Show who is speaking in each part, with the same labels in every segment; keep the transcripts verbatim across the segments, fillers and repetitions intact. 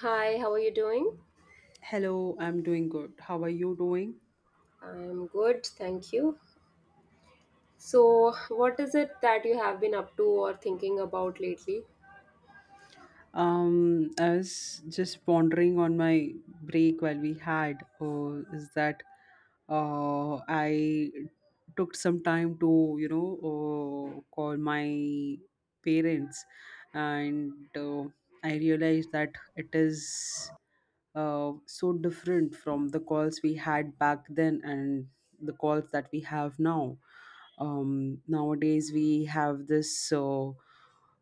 Speaker 1: Hi, how are you doing?
Speaker 2: Hello, I'm doing good. How are you doing?
Speaker 1: I'm good, thank you. So, what is it that you have been up to or thinking about lately?
Speaker 2: Um, I was just pondering on my break while we had uh, is that uh, I took some time to you know uh, call my parents, and uh, I realized that it is uh, so different from the calls we had back then and the calls that we have now. Um, nowadays we have this. Uh,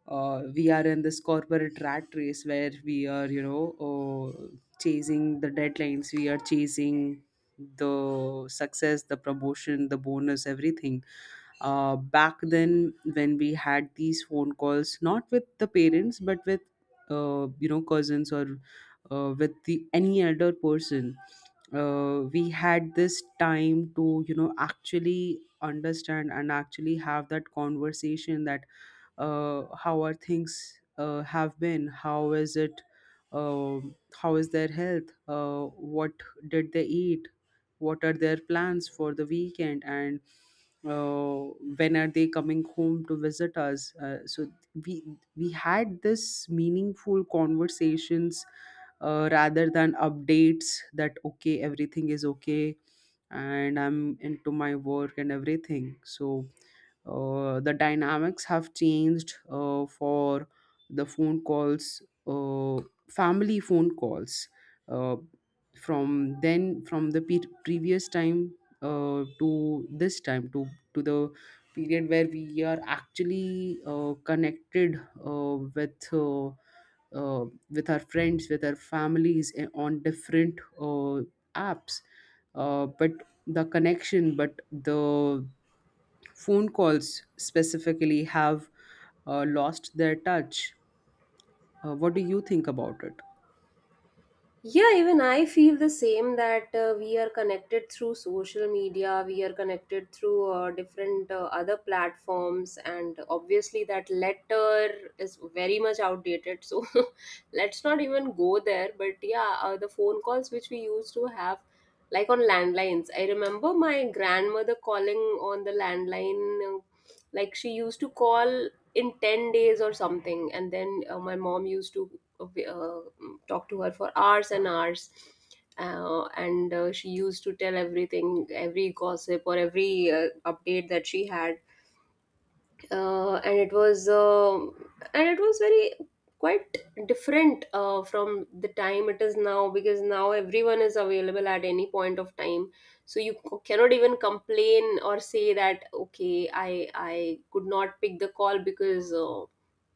Speaker 2: uh, We are in this corporate rat race where we are you know uh, chasing the deadlines, we are chasing the success, the promotion, the bonus, everything uh, Back then when we had these phone calls, not with the parents but with uh, you know cousins or uh, with the any other person uh, we had this time to you know actually understand and actually have that conversation that uh, how are things, uh, have been, how is it, um how is their health uh, what did they eat, what are their plans for the weekend, and uh, when are they coming home to visit us uh, So we we had this meaningful conversations, uh, rather than updates that okay, everything is okay and I'm into my work and everything so uh, The dynamics have changed uh, for the phone calls, uh, family phone calls. Uh, from then, from the pe- previous time uh, to this time, to to the period where we are actually uh, connected uh, with. Uh, uh, with our friends, with our families, eh, on different uh, apps. Uh, but the connection, but the phone calls specifically have uh, lost their touch. Uh, what do you think about it?
Speaker 1: Yeah, even I feel the same that uh, we are connected through social media, we are connected through uh, different uh, other platforms, and obviously that letter is very much outdated. So let's not even go there. But yeah, uh, the phone calls which we used to have, like on landlines, I remember my grandmother calling on the landline, uh, like she used to call in ten days or something, and then uh, my mom used to uh, mm, talk to her for hours and hours. Uh, and uh, She used to tell everything, every gossip or every uh, update that she had, uh, and it was um and it was very quite different, uh, from the time it is now, because now everyone is available at any point of time. So you c- cannot even complain or say that, okay, i i could not pick the call because uh,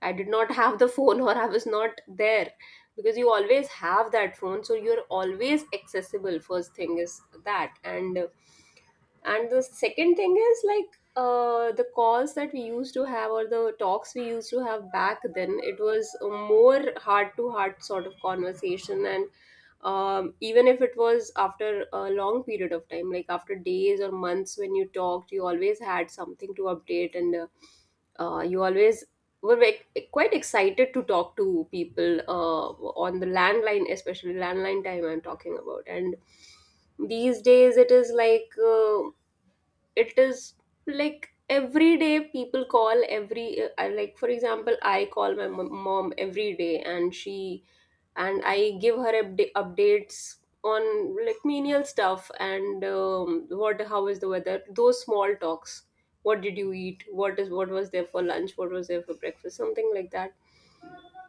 Speaker 1: I did not have the phone, or I was not there, because you always have that phone, so you're always accessible. First thing is that. And uh, and the second thing is, like, uh, the calls that we used to have or the talks we used to have back then, it was a more heart to heart sort of conversation. And um, even if it was after a long period of time, like after days or months, when you talked you always had something to update. And uh, uh, you always were ve- quite excited to talk to people uh, on the landline, especially landline time I'm talking about. And these days it is like, uh, it is like every day people call every uh, I- like for example, I call my mom mom every day, and she, and I give her upda- updates on like menial stuff, and um, what, how is the weather, those small talks, what did you eat, what is, what was there for lunch, what was there for breakfast, something like that.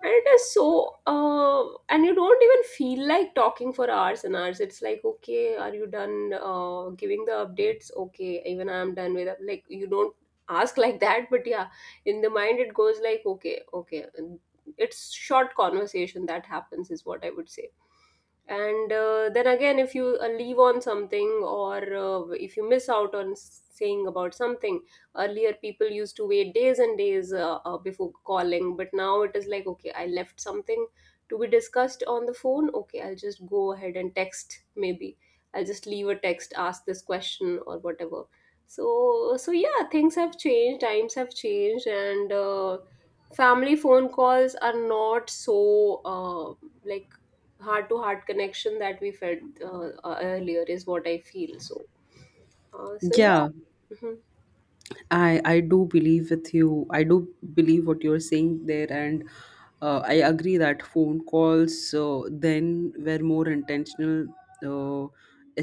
Speaker 1: And it is so uh, and you don't even feel like talking for hours and hours. It's like, okay, are you done uh, giving the updates? Okay, even I'm done with it. Like, you don't ask like that, but yeah, in the mind it goes like, okay, okay. And it's short conversation that happens is what I would say. And uh, then again, if you uh, leave on something, or uh, if you miss out on s- saying about something, earlier people used to wait days and days, uh, uh, before calling, but now it is like, okay, I left something to be discussed on the phone, okay, I'll just go ahead and text, maybe I'll just leave a text, ask this question or whatever. So so yeah, things have changed, times have changed. And uh, family phone calls are not so uh, like heart to heart connection that we felt uh, uh, earlier, is what I feel. So uh, so yeah.
Speaker 2: Yeah,
Speaker 1: Mhm.
Speaker 2: I I do believe with you. I do believe what you're saying there, and uh, I agree that phone calls uh, then were more intentional, uh,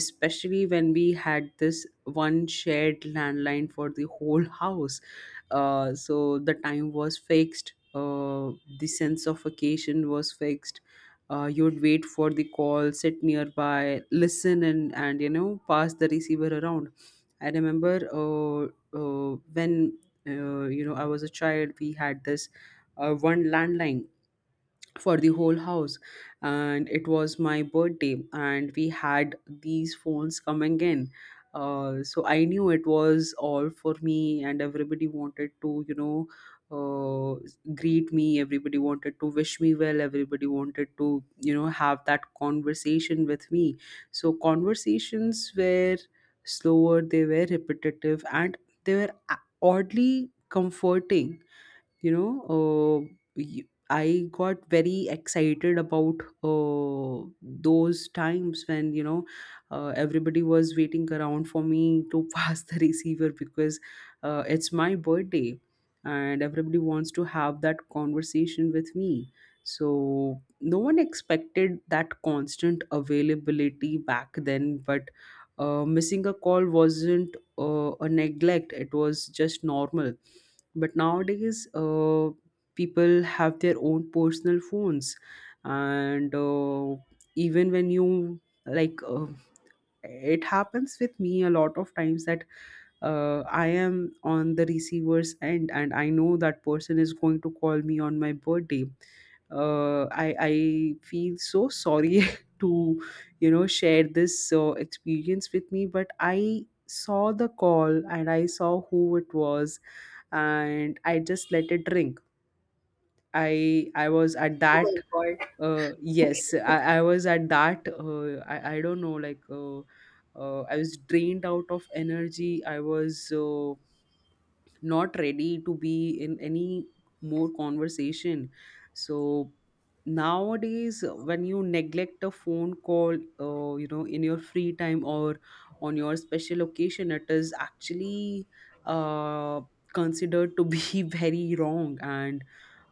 Speaker 2: especially when we had this one shared landline for the whole house. Uh, so the time was fixed. Uh, the sense of occasion was fixed. Uh, you'd wait for the call, sit nearby, listen, and and you know pass the receiver around. I remember. Uh, uh, when uh, you know I was a child, we had this uh, one landline for the whole house, and it was my birthday and we had these phones coming in uh, so I knew it was all for me and everybody wanted to you know uh, greet me, everybody wanted to wish me well, everybody wanted to you know have that conversation with me. So conversations were slower, they were repetitive, and they were a- oddly comforting, you know uh, y- I got very excited about uh, those times when you know uh, everybody was waiting around for me to pass the receiver because uh, it's my birthday and everybody wants to have that conversation with me. So no one expected that constant availability back then, but uh, missing a call wasn't uh, a neglect, it was just normal. But nowadays uh, people have their own personal phones, and uh, even when you like uh, it happens with me a lot of times that uh, I am on the receiver's end and I know that person is going to call me on my birthday. uh, I I feel so sorry to you know share this uh, experience with me, but I saw the call and I saw who it was, and I just let it drink. I I was at that
Speaker 1: Oh my
Speaker 2: uh,
Speaker 1: god.
Speaker 2: Yes, I, I was at that uh, I I don't know like uh, uh, I was drained out of energy. I was uh, not ready to be in any more conversation. So nowadays uh, when you neglect a phone call uh, you know in your free time or on your special occasion, it is actually uh, considered to be very wrong and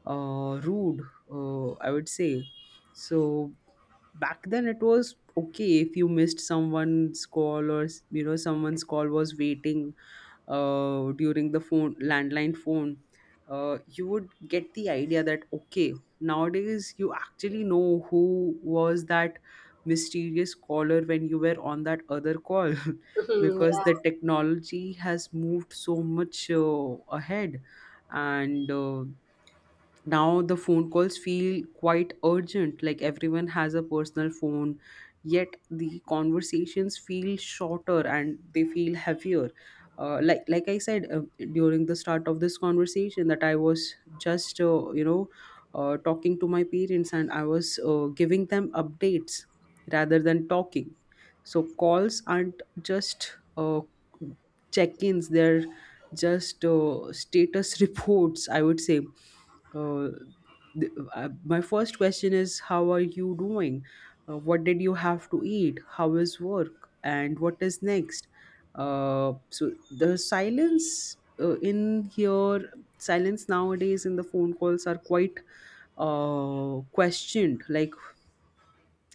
Speaker 2: uh, rude, uh, I would say. So back then it was okay if you missed someone's call, or you know someone's call was waiting uh, during the phone landline phone, uh, you would get the idea that okay. Nowadays you actually know who was that mysterious caller when you were on that other call
Speaker 1: Mhm,
Speaker 2: because
Speaker 1: yeah.
Speaker 2: the technology has moved so much uh, ahead, and uh, now the phone calls feel quite urgent, like everyone has a personal phone, yet the conversations feel shorter and they feel heavier. Uh, like like I said, uh, during the start of this conversation, that I was just uh, you know uh, talking to my parents and I was uh, giving them updates rather than talking. So calls aren't just uh, check-ins, they're just uh, status reports, I would say. uh, th- uh, my first question is how are you doing, uh, what did you have to eat, how is work, and what is next. Uh, so the silence uh, in here silence nowadays in the phone calls are quite uh, questioned. Like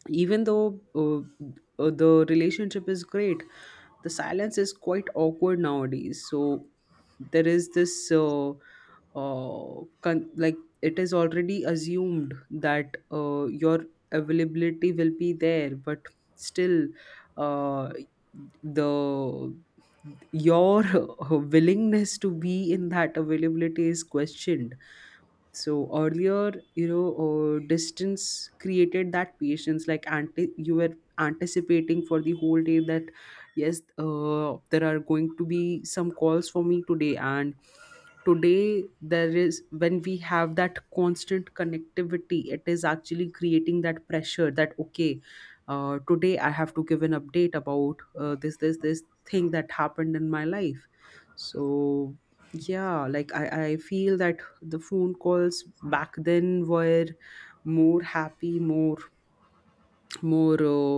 Speaker 2: even though uh, uh, the relationship is great, the silence is quite awkward nowadays. So there is this uh, uh, con- like it is already assumed that uh, your availability will be there, but still uh, the your willingness to be in that availability is questioned. So earlier you know uh, distance created that patience, like anti- you were anticipating for the whole day that yes, uh, there are going to be some calls for me today. And today there is, when we have that constant connectivity, it is actually creating that pressure that okay, uh, today I have to give an update about uh, this this this thing that happened in my life. So yeah, like I, I feel that the phone calls back then were more happy, more more uh,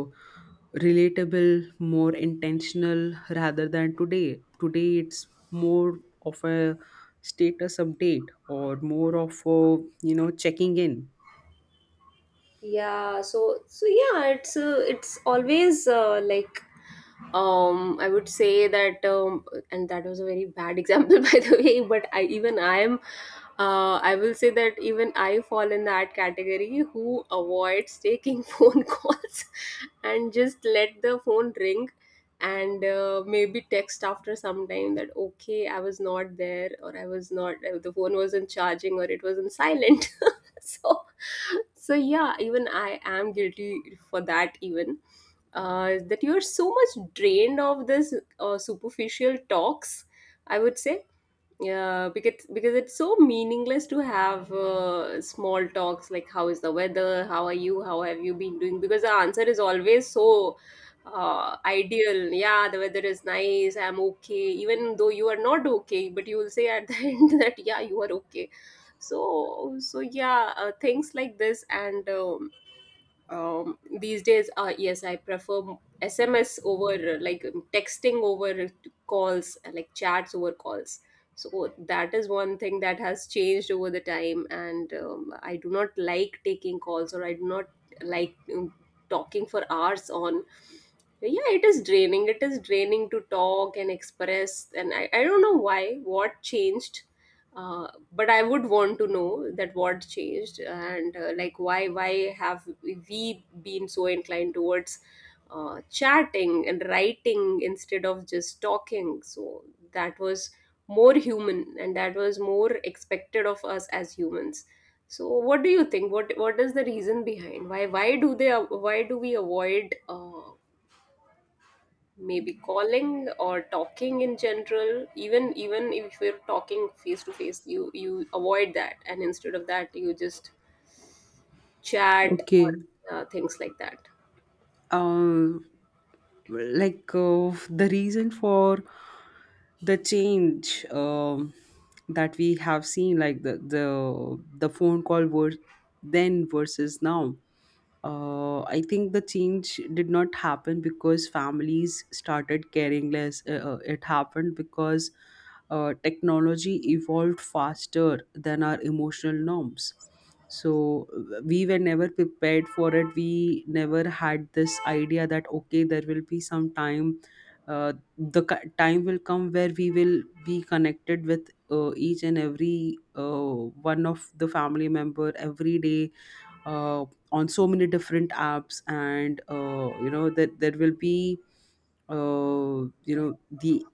Speaker 2: relatable, more intentional rather than today. Today it's more of a status update or more of a, you know checking in.
Speaker 1: Yeah so so yeah, it's uh, it's always uh, like, um I would say that, um, and that was a very bad example by the way. But I even I am, uh, I will say that even I fall in that category who avoids taking phone calls and just let the phone ring. And uh, maybe text after some time that, okay, I was not there, or I was not, uh, the phone wasn't charging, or it was not silent. So so yeah, even I am guilty for that. Even uh, that you are so much drained of this uh, superficial talks, I would say. Yeah, because because it's so meaningless to have uh, small talks like, how is the weather, how are you, how have you been doing, because the answer is always so uh, ideal. Yeah, the weather is nice, I'm okay, even though you are not okay, but you will say at the end that, yeah, you are okay. So so yeah, uh, things like this. And um, um, these days, uh, yes, I prefer sms over, uh, like um, texting over calls, uh, like chats over calls. So that is one thing that has changed over the time. And um, I do not like taking calls, or I do not like um, talking for hours on. Yeah, it is draining, it is draining to talk and express. And i, I don't know why, what changed, uh, but I would want to know that, what changed. And uh, like, why why have we been so inclined towards uh, chatting and writing instead of just talking? So that was more human, and that was more expected of us as humans. So what do you think, what what is the reason behind, why why do they, why do we avoid uh, maybe calling or talking in general, even even if you're talking face to face, you you avoid that, and instead of that you just chat,
Speaker 2: Okay.
Speaker 1: or uh, things like that.
Speaker 2: um like uh, the reason for the change, um, that we have seen, like the the the phone call were then versus now, uh, I think the change did not happen because families started caring less, uh, uh, it happened because uh, technology evolved faster than our emotional norms. So uh, we were never prepared for it, we never had this idea that okay, there will be some time, uh, the ki- time will come where we will be connected with uh, each and every uh, one of the family member every day, uh, on so many different apps. And uh, you know that there will be uh, you know the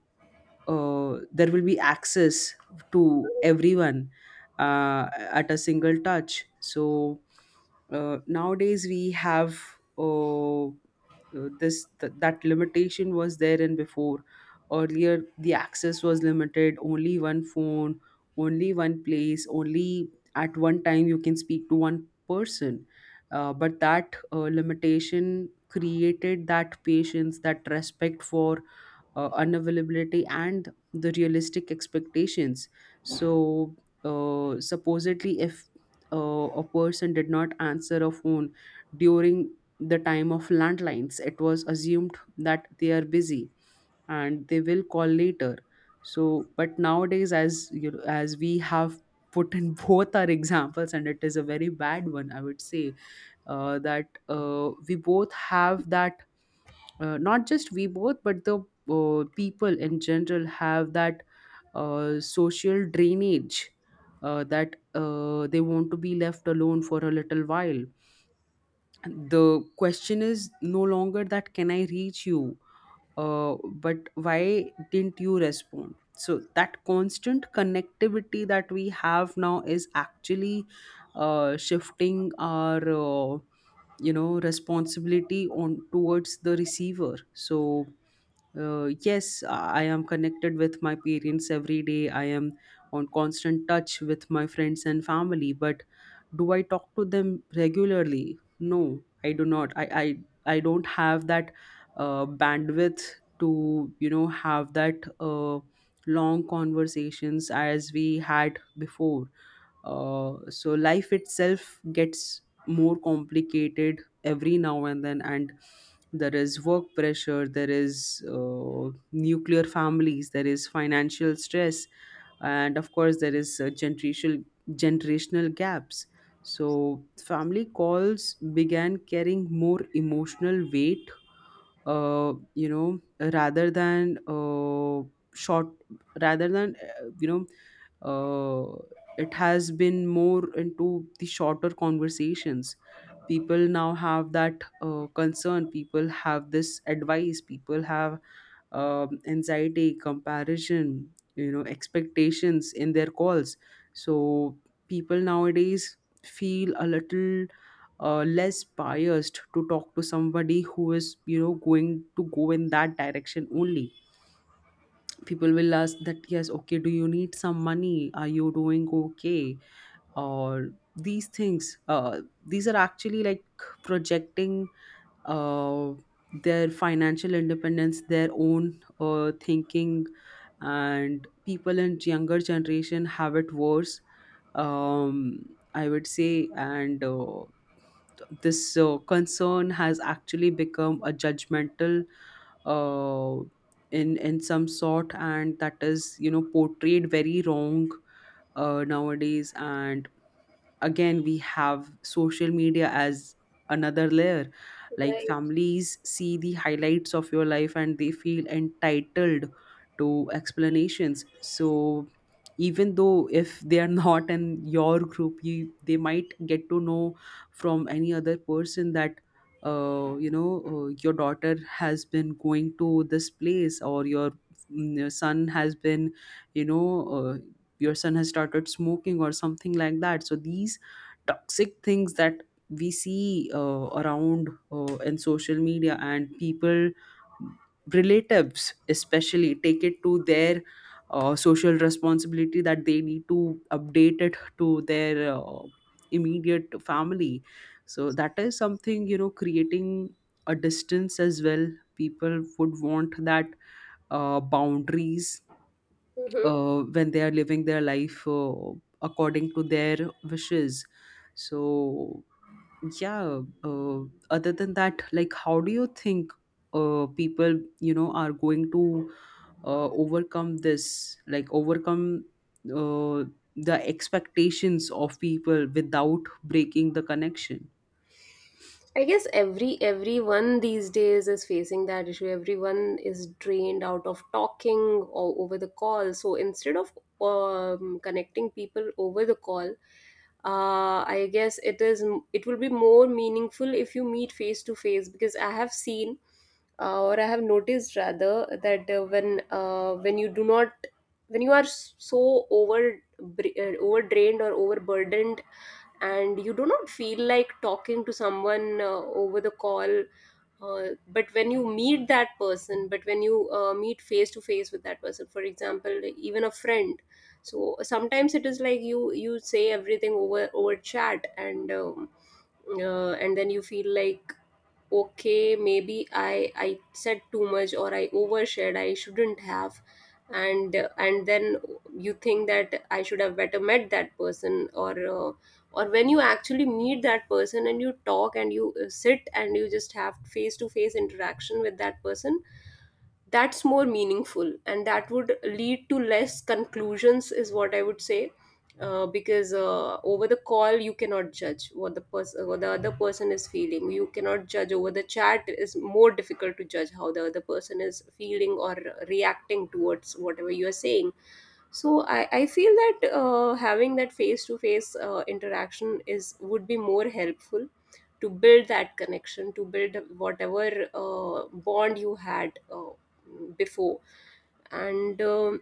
Speaker 2: uh, there will be access to everyone uh, at a single touch. So uh, nowadays we have uh, uh, this th- that limitation was there, and before, earlier, the access was limited, only one phone, only one place, only at one time you can speak to one person. Uh, but that uh, limitation created that patience, that respect for uh, unavailability, and the realistic expectations. So uh, supposedly if uh, a person did not answer a phone during the time of landlines, it was assumed that they are busy and they will call later. So but nowadays, as you as we have put in both our examples, and it is a very bad one, I would say, uh, that uh, we both have that uh, not just we both, but the uh, people in general have that uh, social drainage, uh, that uh, they want to be left alone for a little while. The question is no longer that can I reach you, uh, but why didn't you respond. So that constant connectivity that we have now is actually uh, shifting our uh, you know responsibility on towards the receiver. So uh, yes, I am connected with my parents every day, I am on constant touch with my friends and family, but do I talk to them regularly? No, I do not. i i, I don't have that uh, bandwidth to you know have that uh, long conversations as we had before. Uh, so life itself gets more complicated every now and then, and there is work pressure, there is uh, nuclear families, there is financial stress, and of course there is uh, generational generational gaps. So family calls began carrying more emotional weight, uh, you know rather than uh, short rather than uh, you know uh, it has been more into the shorter conversations. People now have that uh, concern, people have this advice, people have um, anxiety, comparison, you know, expectations in their calls. So people nowadays feel a little uh, less biased to talk to somebody who is, you know, going to go in that direction only. People will ask that, yes, okay, do you need some money? Are you doing okay? Or these things, uh, these are actually like projecting uh, their financial independence, their own uh, thinking, and people in younger generation have it worse. Um, I would say, and uh, th- this uh, concern has actually become a judgmental, uh, in in some sort, and that is, you know portrayed very wrong uh, nowadays, and again we have social media as another layer. Like
Speaker 1: Right.
Speaker 2: families see the highlights of your life and they feel entitled to explanations, so even though if they are not in your group, you they might get to know from any other person that uh, you know uh, your daughter has been going to this place or your, mm, your son has been, you know uh your son has started smoking or something like that. So these toxic things that we see uh, around uh, in social media and people, relatives especially, take it to their uh, social responsibility that they need to update it to their uh, immediate family. So that is something, you know, creating a distance as well. People would want that, uh, boundaries,
Speaker 1: Mhm.
Speaker 2: uh, when they are living their life uh, according to their wishes. So, yeah, uh, other than that, like, how do you think uh, people, you know, are going to uh, overcome this, like, overcome uh, the expectations of people without breaking the connection?
Speaker 1: I guess every everyone these days is facing that issue. Everyone is drained out of talking or over the call. So instead of um, connecting people over the call, uh, I guess it is, it will be more meaningful if you meet face to face, because I have seen uh, or I have noticed rather that, uh, when uh, when you do not, when you are s- so over br- uh, overdrained or overburdened, and you do not feel like talking to someone uh, over the call, uh, but when you meet that person, but when you uh, meet face to face with that person, for example even a friend. So sometimes it is like, you you say everything over over chat, and um, uh, and then you feel like, okay, maybe i i said too much, or I overshared, I shouldn't have. and and then you think that, I should have better met that person, or uh, or when you actually meet that person and you talk, and you uh, sit, and you just have face to face interaction with that person, that's more meaningful, and that would lead to less conclusions, is what I would say. Uh, because uh, over the call you cannot judge what the person, what the other person is feeling. You cannot judge over the chat, is more difficult to judge how the other person is feeling or reacting towards whatever you are saying. So I, I feel that uh, having that face to face interaction is, would be more helpful to build that connection, to build whatever uh, bond you had uh, before. And um,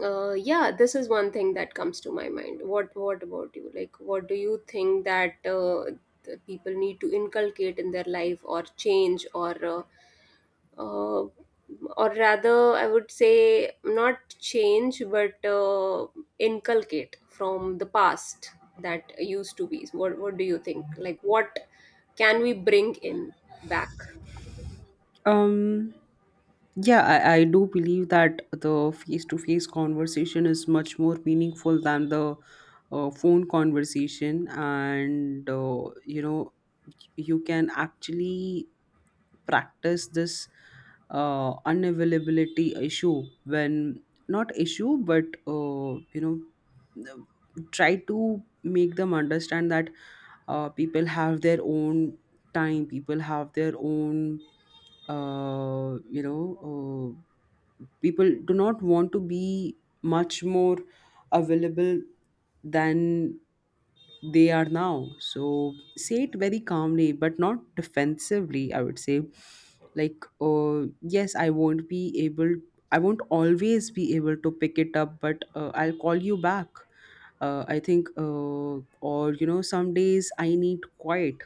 Speaker 1: uh, yeah, this is one thing that comes to my mind. What what about you? Like, what do you think that uh, the people need to inculcate in their life, or change, or uh, uh, or rather I would say not change, but uh, inculcate from the past that used to be. what what do you think, like, what can we bring in back?
Speaker 2: Um, yeah, I, I do believe that the face to face conversation is much more meaningful than the uh, phone conversation. And, uh, you know, you can actually practice this uh, unavailability issue when, not issue, but uh, you know, try to make them understand that uh, people have their own time, people have their own uh, you know uh, people do not want to be much more available than they are now. So say it very calmly, but not defensively, I would say. Like, uh, yes, I won't be able, I won't always be able to pick it up, but uh, I'll call you back. Uh, I think, uh, or, you know, some days I need quiet.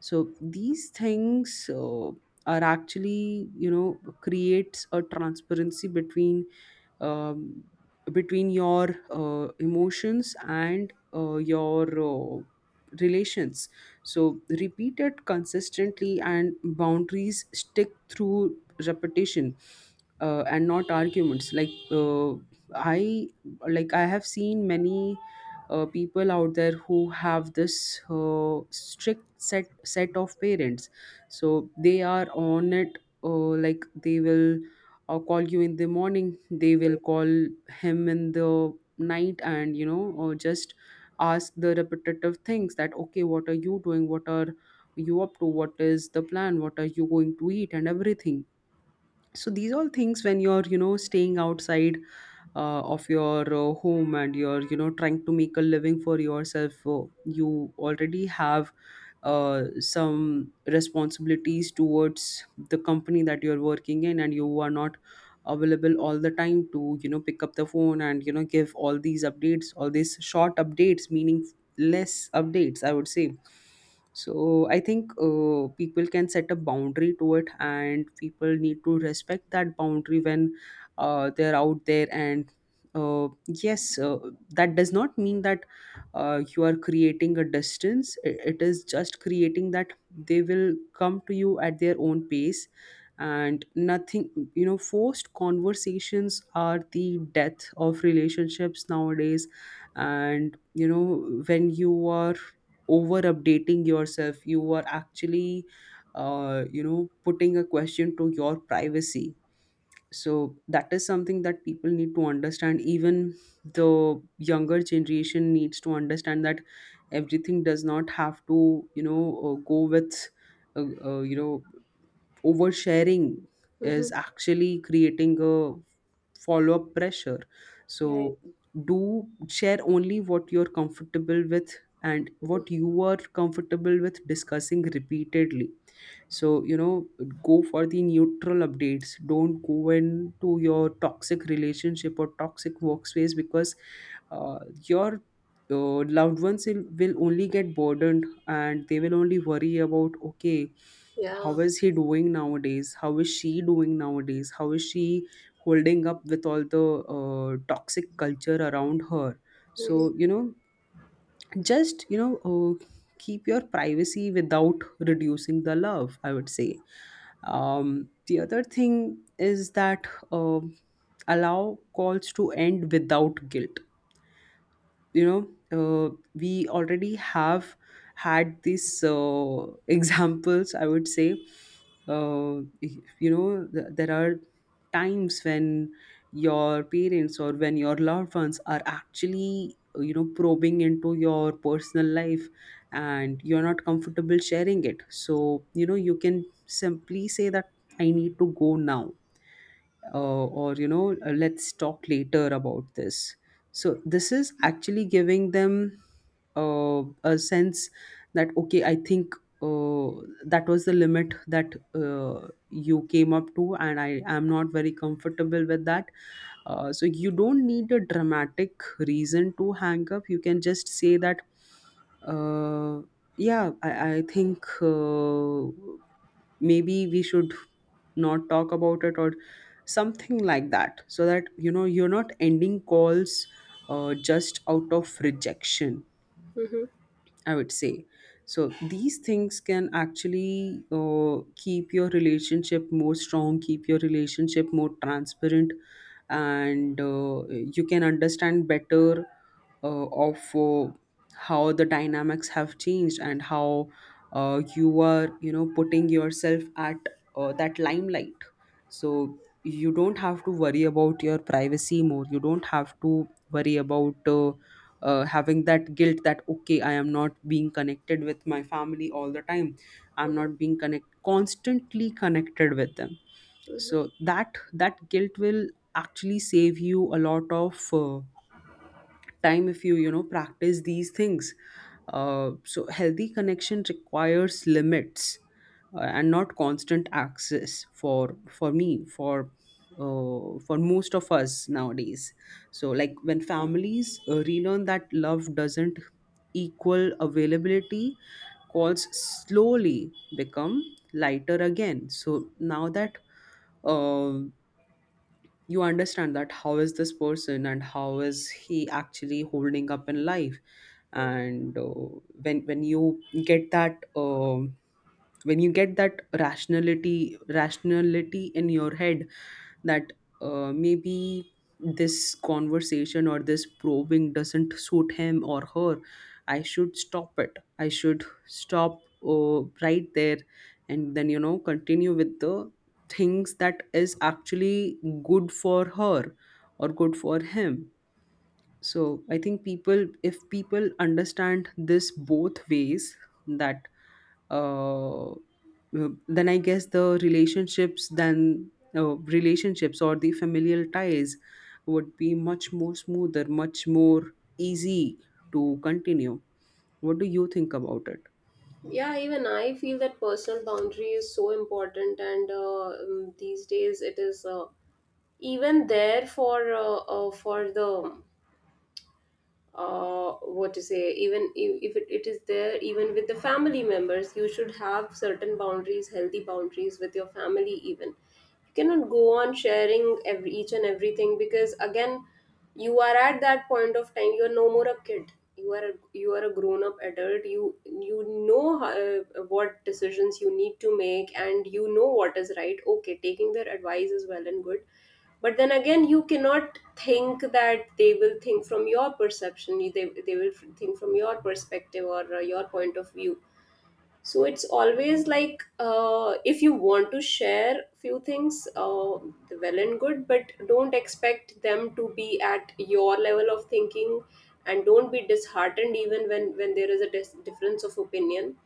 Speaker 2: So these things uh, are actually, you know, creates a transparency between, um, between your uh, emotions and uh, your uh, relations. So repeat it consistently, and boundaries stick through repetition, uh, and not arguments. Like, uh, i like I have seen many uh, people out there who have this uh, strict set set of parents, so they are on it. Uh, like, they will uh, call you in the morning, they will call him in the night, and, you know, or just ask the repetitive things, that okay, what are you doing, what are you up to, what is the plan, what are you going to eat, and everything. So these all things when you're, you know, staying outside uh, of your uh, home, and you're, you know, trying to make a living for yourself, uh, you already have uh, some responsibilities towards the company that you're working in, and you are not available all the time to, you know, pick up the phone and, you know, give all these updates, all these short updates, meaning less updates, I would say. So I think uh, people can set a boundary to it, and people need to respect that boundary when uh, they're out there. And uh, yes, uh, that does not mean that uh, you are creating a distance. I- it is just creating that they will come to you at their own pace, and nothing, you know, forced conversations are the death of relationships nowadays. And you know, when you are over updating yourself, you are actually, uh, you know, putting a question to your privacy. So that is something that people need to understand, even the younger generation needs to understand, that everything does not have to, you know, uh, go with uh, uh, you know, oversharing
Speaker 1: Mm-hmm.
Speaker 2: is actually creating a follow-up pressure.
Speaker 1: Right.
Speaker 2: So do share only what you're comfortable with, and what you are comfortable with discussing repeatedly. So, you know, go for the neutral updates, don't go into your toxic relationship or toxic workspace, because uh, your uh, loved ones will, will only get burdened, and they will only worry about, okay,
Speaker 1: Yeah.
Speaker 2: how is he doing nowadays, how is she doing nowadays, how is she holding up with all the uh, toxic culture around her.
Speaker 1: Mm-hmm.
Speaker 2: So you know, just you know, uh, keep your privacy without reducing the love, I would say. Um, the other thing is that, um allow calls to end without guilt. You know, uh, we already have had these uh, examples, I would say. uh, you know, th- there are times when your parents or when your loved ones are actually, uh, you know, probing into your personal life, and you're not comfortable sharing it. So, you know, you can simply say that, I need to go now, uh, or you know, uh, let's talk later about this. So this is actually giving them uh, a sense that okay, I think, uh, that was the limit that uh, you came up to, and I am not very comfortable with that. Uh, so you don't need a dramatic reason to hang up, you can just say that, uh, yeah, i, I think, uh, maybe we should not talk about it, or something like that, so that, you know, you're not ending calls uh, just out of rejection,
Speaker 1: Mm-hmm.
Speaker 2: I would say. So these things can actually uh, keep your relationship more strong, keep your relationship more transparent, and uh, you can understand better uh, of uh, how the dynamics have changed, and how uh, you are, you know, putting yourself at uh, that limelight. So you don't have to worry about your privacy more. You don't have to worry about uh, uh, having that guilt, that okay, I am not being connected with my family all the time, I'm
Speaker 1: Mm-hmm.
Speaker 2: not being connect constantly connected with them.
Speaker 1: Mm-hmm.
Speaker 2: So that that guilt will actually save you a lot of uh, time, if you, you know, practice these things. Uh, so healthy connection requires limits, uh, and not constant access for for me, for uh, for most of us nowadays. So like, when families uh, relearn that love doesn't equal availability, calls slowly become lighter again. So now that uh, you understand that, how is this person and how is he actually holding up in life. And uh, when when you get that, um when you get that rationality, rationality in your head, that uh, maybe this conversation or this probing doesn't suit him or her, I should stop it, I should stop uh, right there, and then, you know, continue with the things that is actually good for her, or good for him. So I think, people if people understand this both ways, that uh, then I guess the relationships then, uh, relationships or the familial ties, would be much more smoother, much more easy to continue. What do you think about it?
Speaker 1: Yeah, even I feel that personal boundary is so important. And uh, um, these days it is uh, even there for uh, uh, for the, uh, what to say, even i- if it, it is there even with the family members, you should have certain boundaries, healthy boundaries with your family. Even you cannot go on sharing every each and everything, because again, you are at that point of time, you are no more a kid, you are a, you are a grown up adult, you you know how, uh, what decisions you need to make, and you know what is right. Okay, taking their advice is well and good, but then again you cannot think that they will think from your perception, you- they, they will think from your perspective, or uh, your point of view. So it's always like, uh, if you want to share few things, uh, well and good, but don't expect them to be at your level of thinking. And don't be disheartened even when when there is a dis- difference of opinion,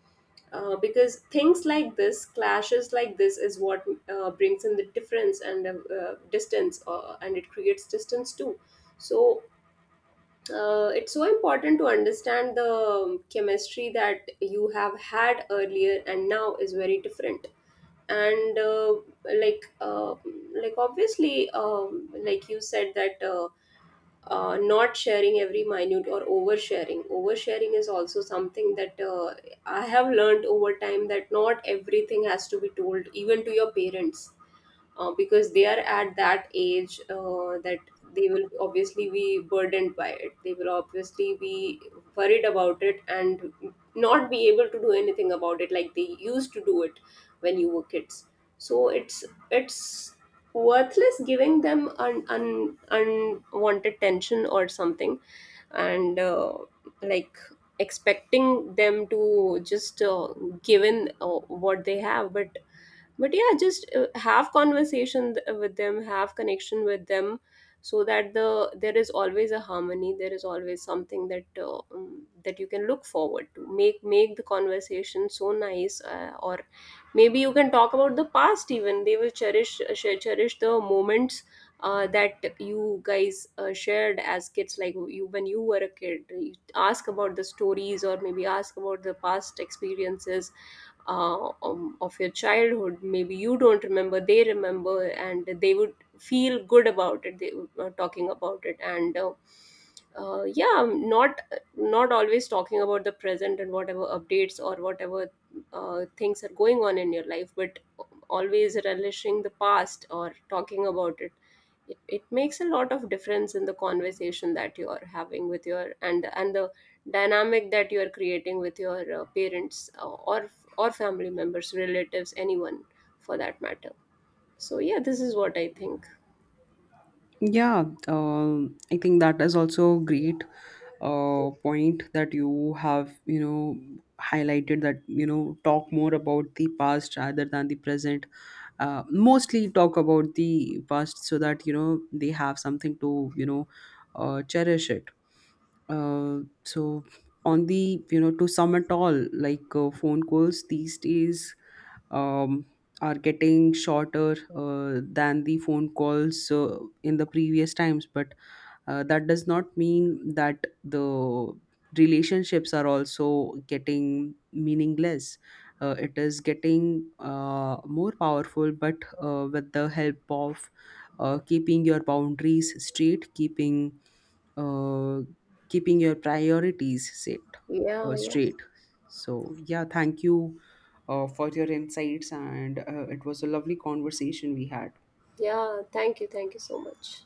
Speaker 1: uh, because things like this, clashes like this, is what uh, brings in the difference, and uh, uh, distance, uh, and it creates distance too. So uh, it's so important to understand the um, chemistry that you have had earlier and now is very different. And uh, like uh, like obviously um, like you said that, uh, uh, not sharing every minute or oversharing. Oversharing is also something that, uh, I have learned over time, that not everything has to be told, even to your parents, uh, because they are at that age uh, that they will obviously be burdened by it. They will obviously be worried about it, and not be able to do anything about it like they used to do it when you were kids. So it's it's worthless giving them an un, unwanted tension or something. And uh, like, expecting them to just uh, given uh, what they have. but but yeah, just uh, have conversation th- with them, have connection with them, so that the there is always a harmony, there is always something that uh, um, that you can look forward to, make make the conversation so nice. Uh, or maybe you can talk about the past, even they will cherish, uh, cher- cherish the moments uh, that you guys uh, shared as kids. Like, you when you were a kid, you ask about the stories, or maybe ask about the past experiences, uh, um, of your childhood, maybe you don't remember, they remember, and they would feel good about it, they were talking about it. And uh, uh, yeah, not not always talking about the present and whatever updates or whatever uh, things are going on in your life, but always relishing the past or talking about it. It, it makes a lot of difference in the conversation that you are having with your, and and the dynamic that you are creating with your uh, parents, uh, or or family members, relatives, anyone for that matter. So yeah, this is what I think.
Speaker 2: Yeah, um I think that is also a great uh, point that you have, you know, highlighted, that, you know, talk more about the past rather than the present. Uh, mostly talk about the past, so that, you know, they have something to, you know, uh, cherish it. Uh, so on the, you know, to sum it all, like, uh, phone calls these days, um, are getting shorter uh, than the phone calls uh, in the previous times. But uh, that does not mean that the relationships are also getting meaningless. Uh, it is getting uh, more powerful, but uh, with the help of uh, keeping your boundaries straight, keeping, uh, keeping your priorities set
Speaker 1: Yeah,
Speaker 2: uh,
Speaker 1: yeah.
Speaker 2: straight. So yeah, thank you uh, for your insights, and uh, it was a lovely conversation we had.
Speaker 1: Yeah, thank you, thank you so much.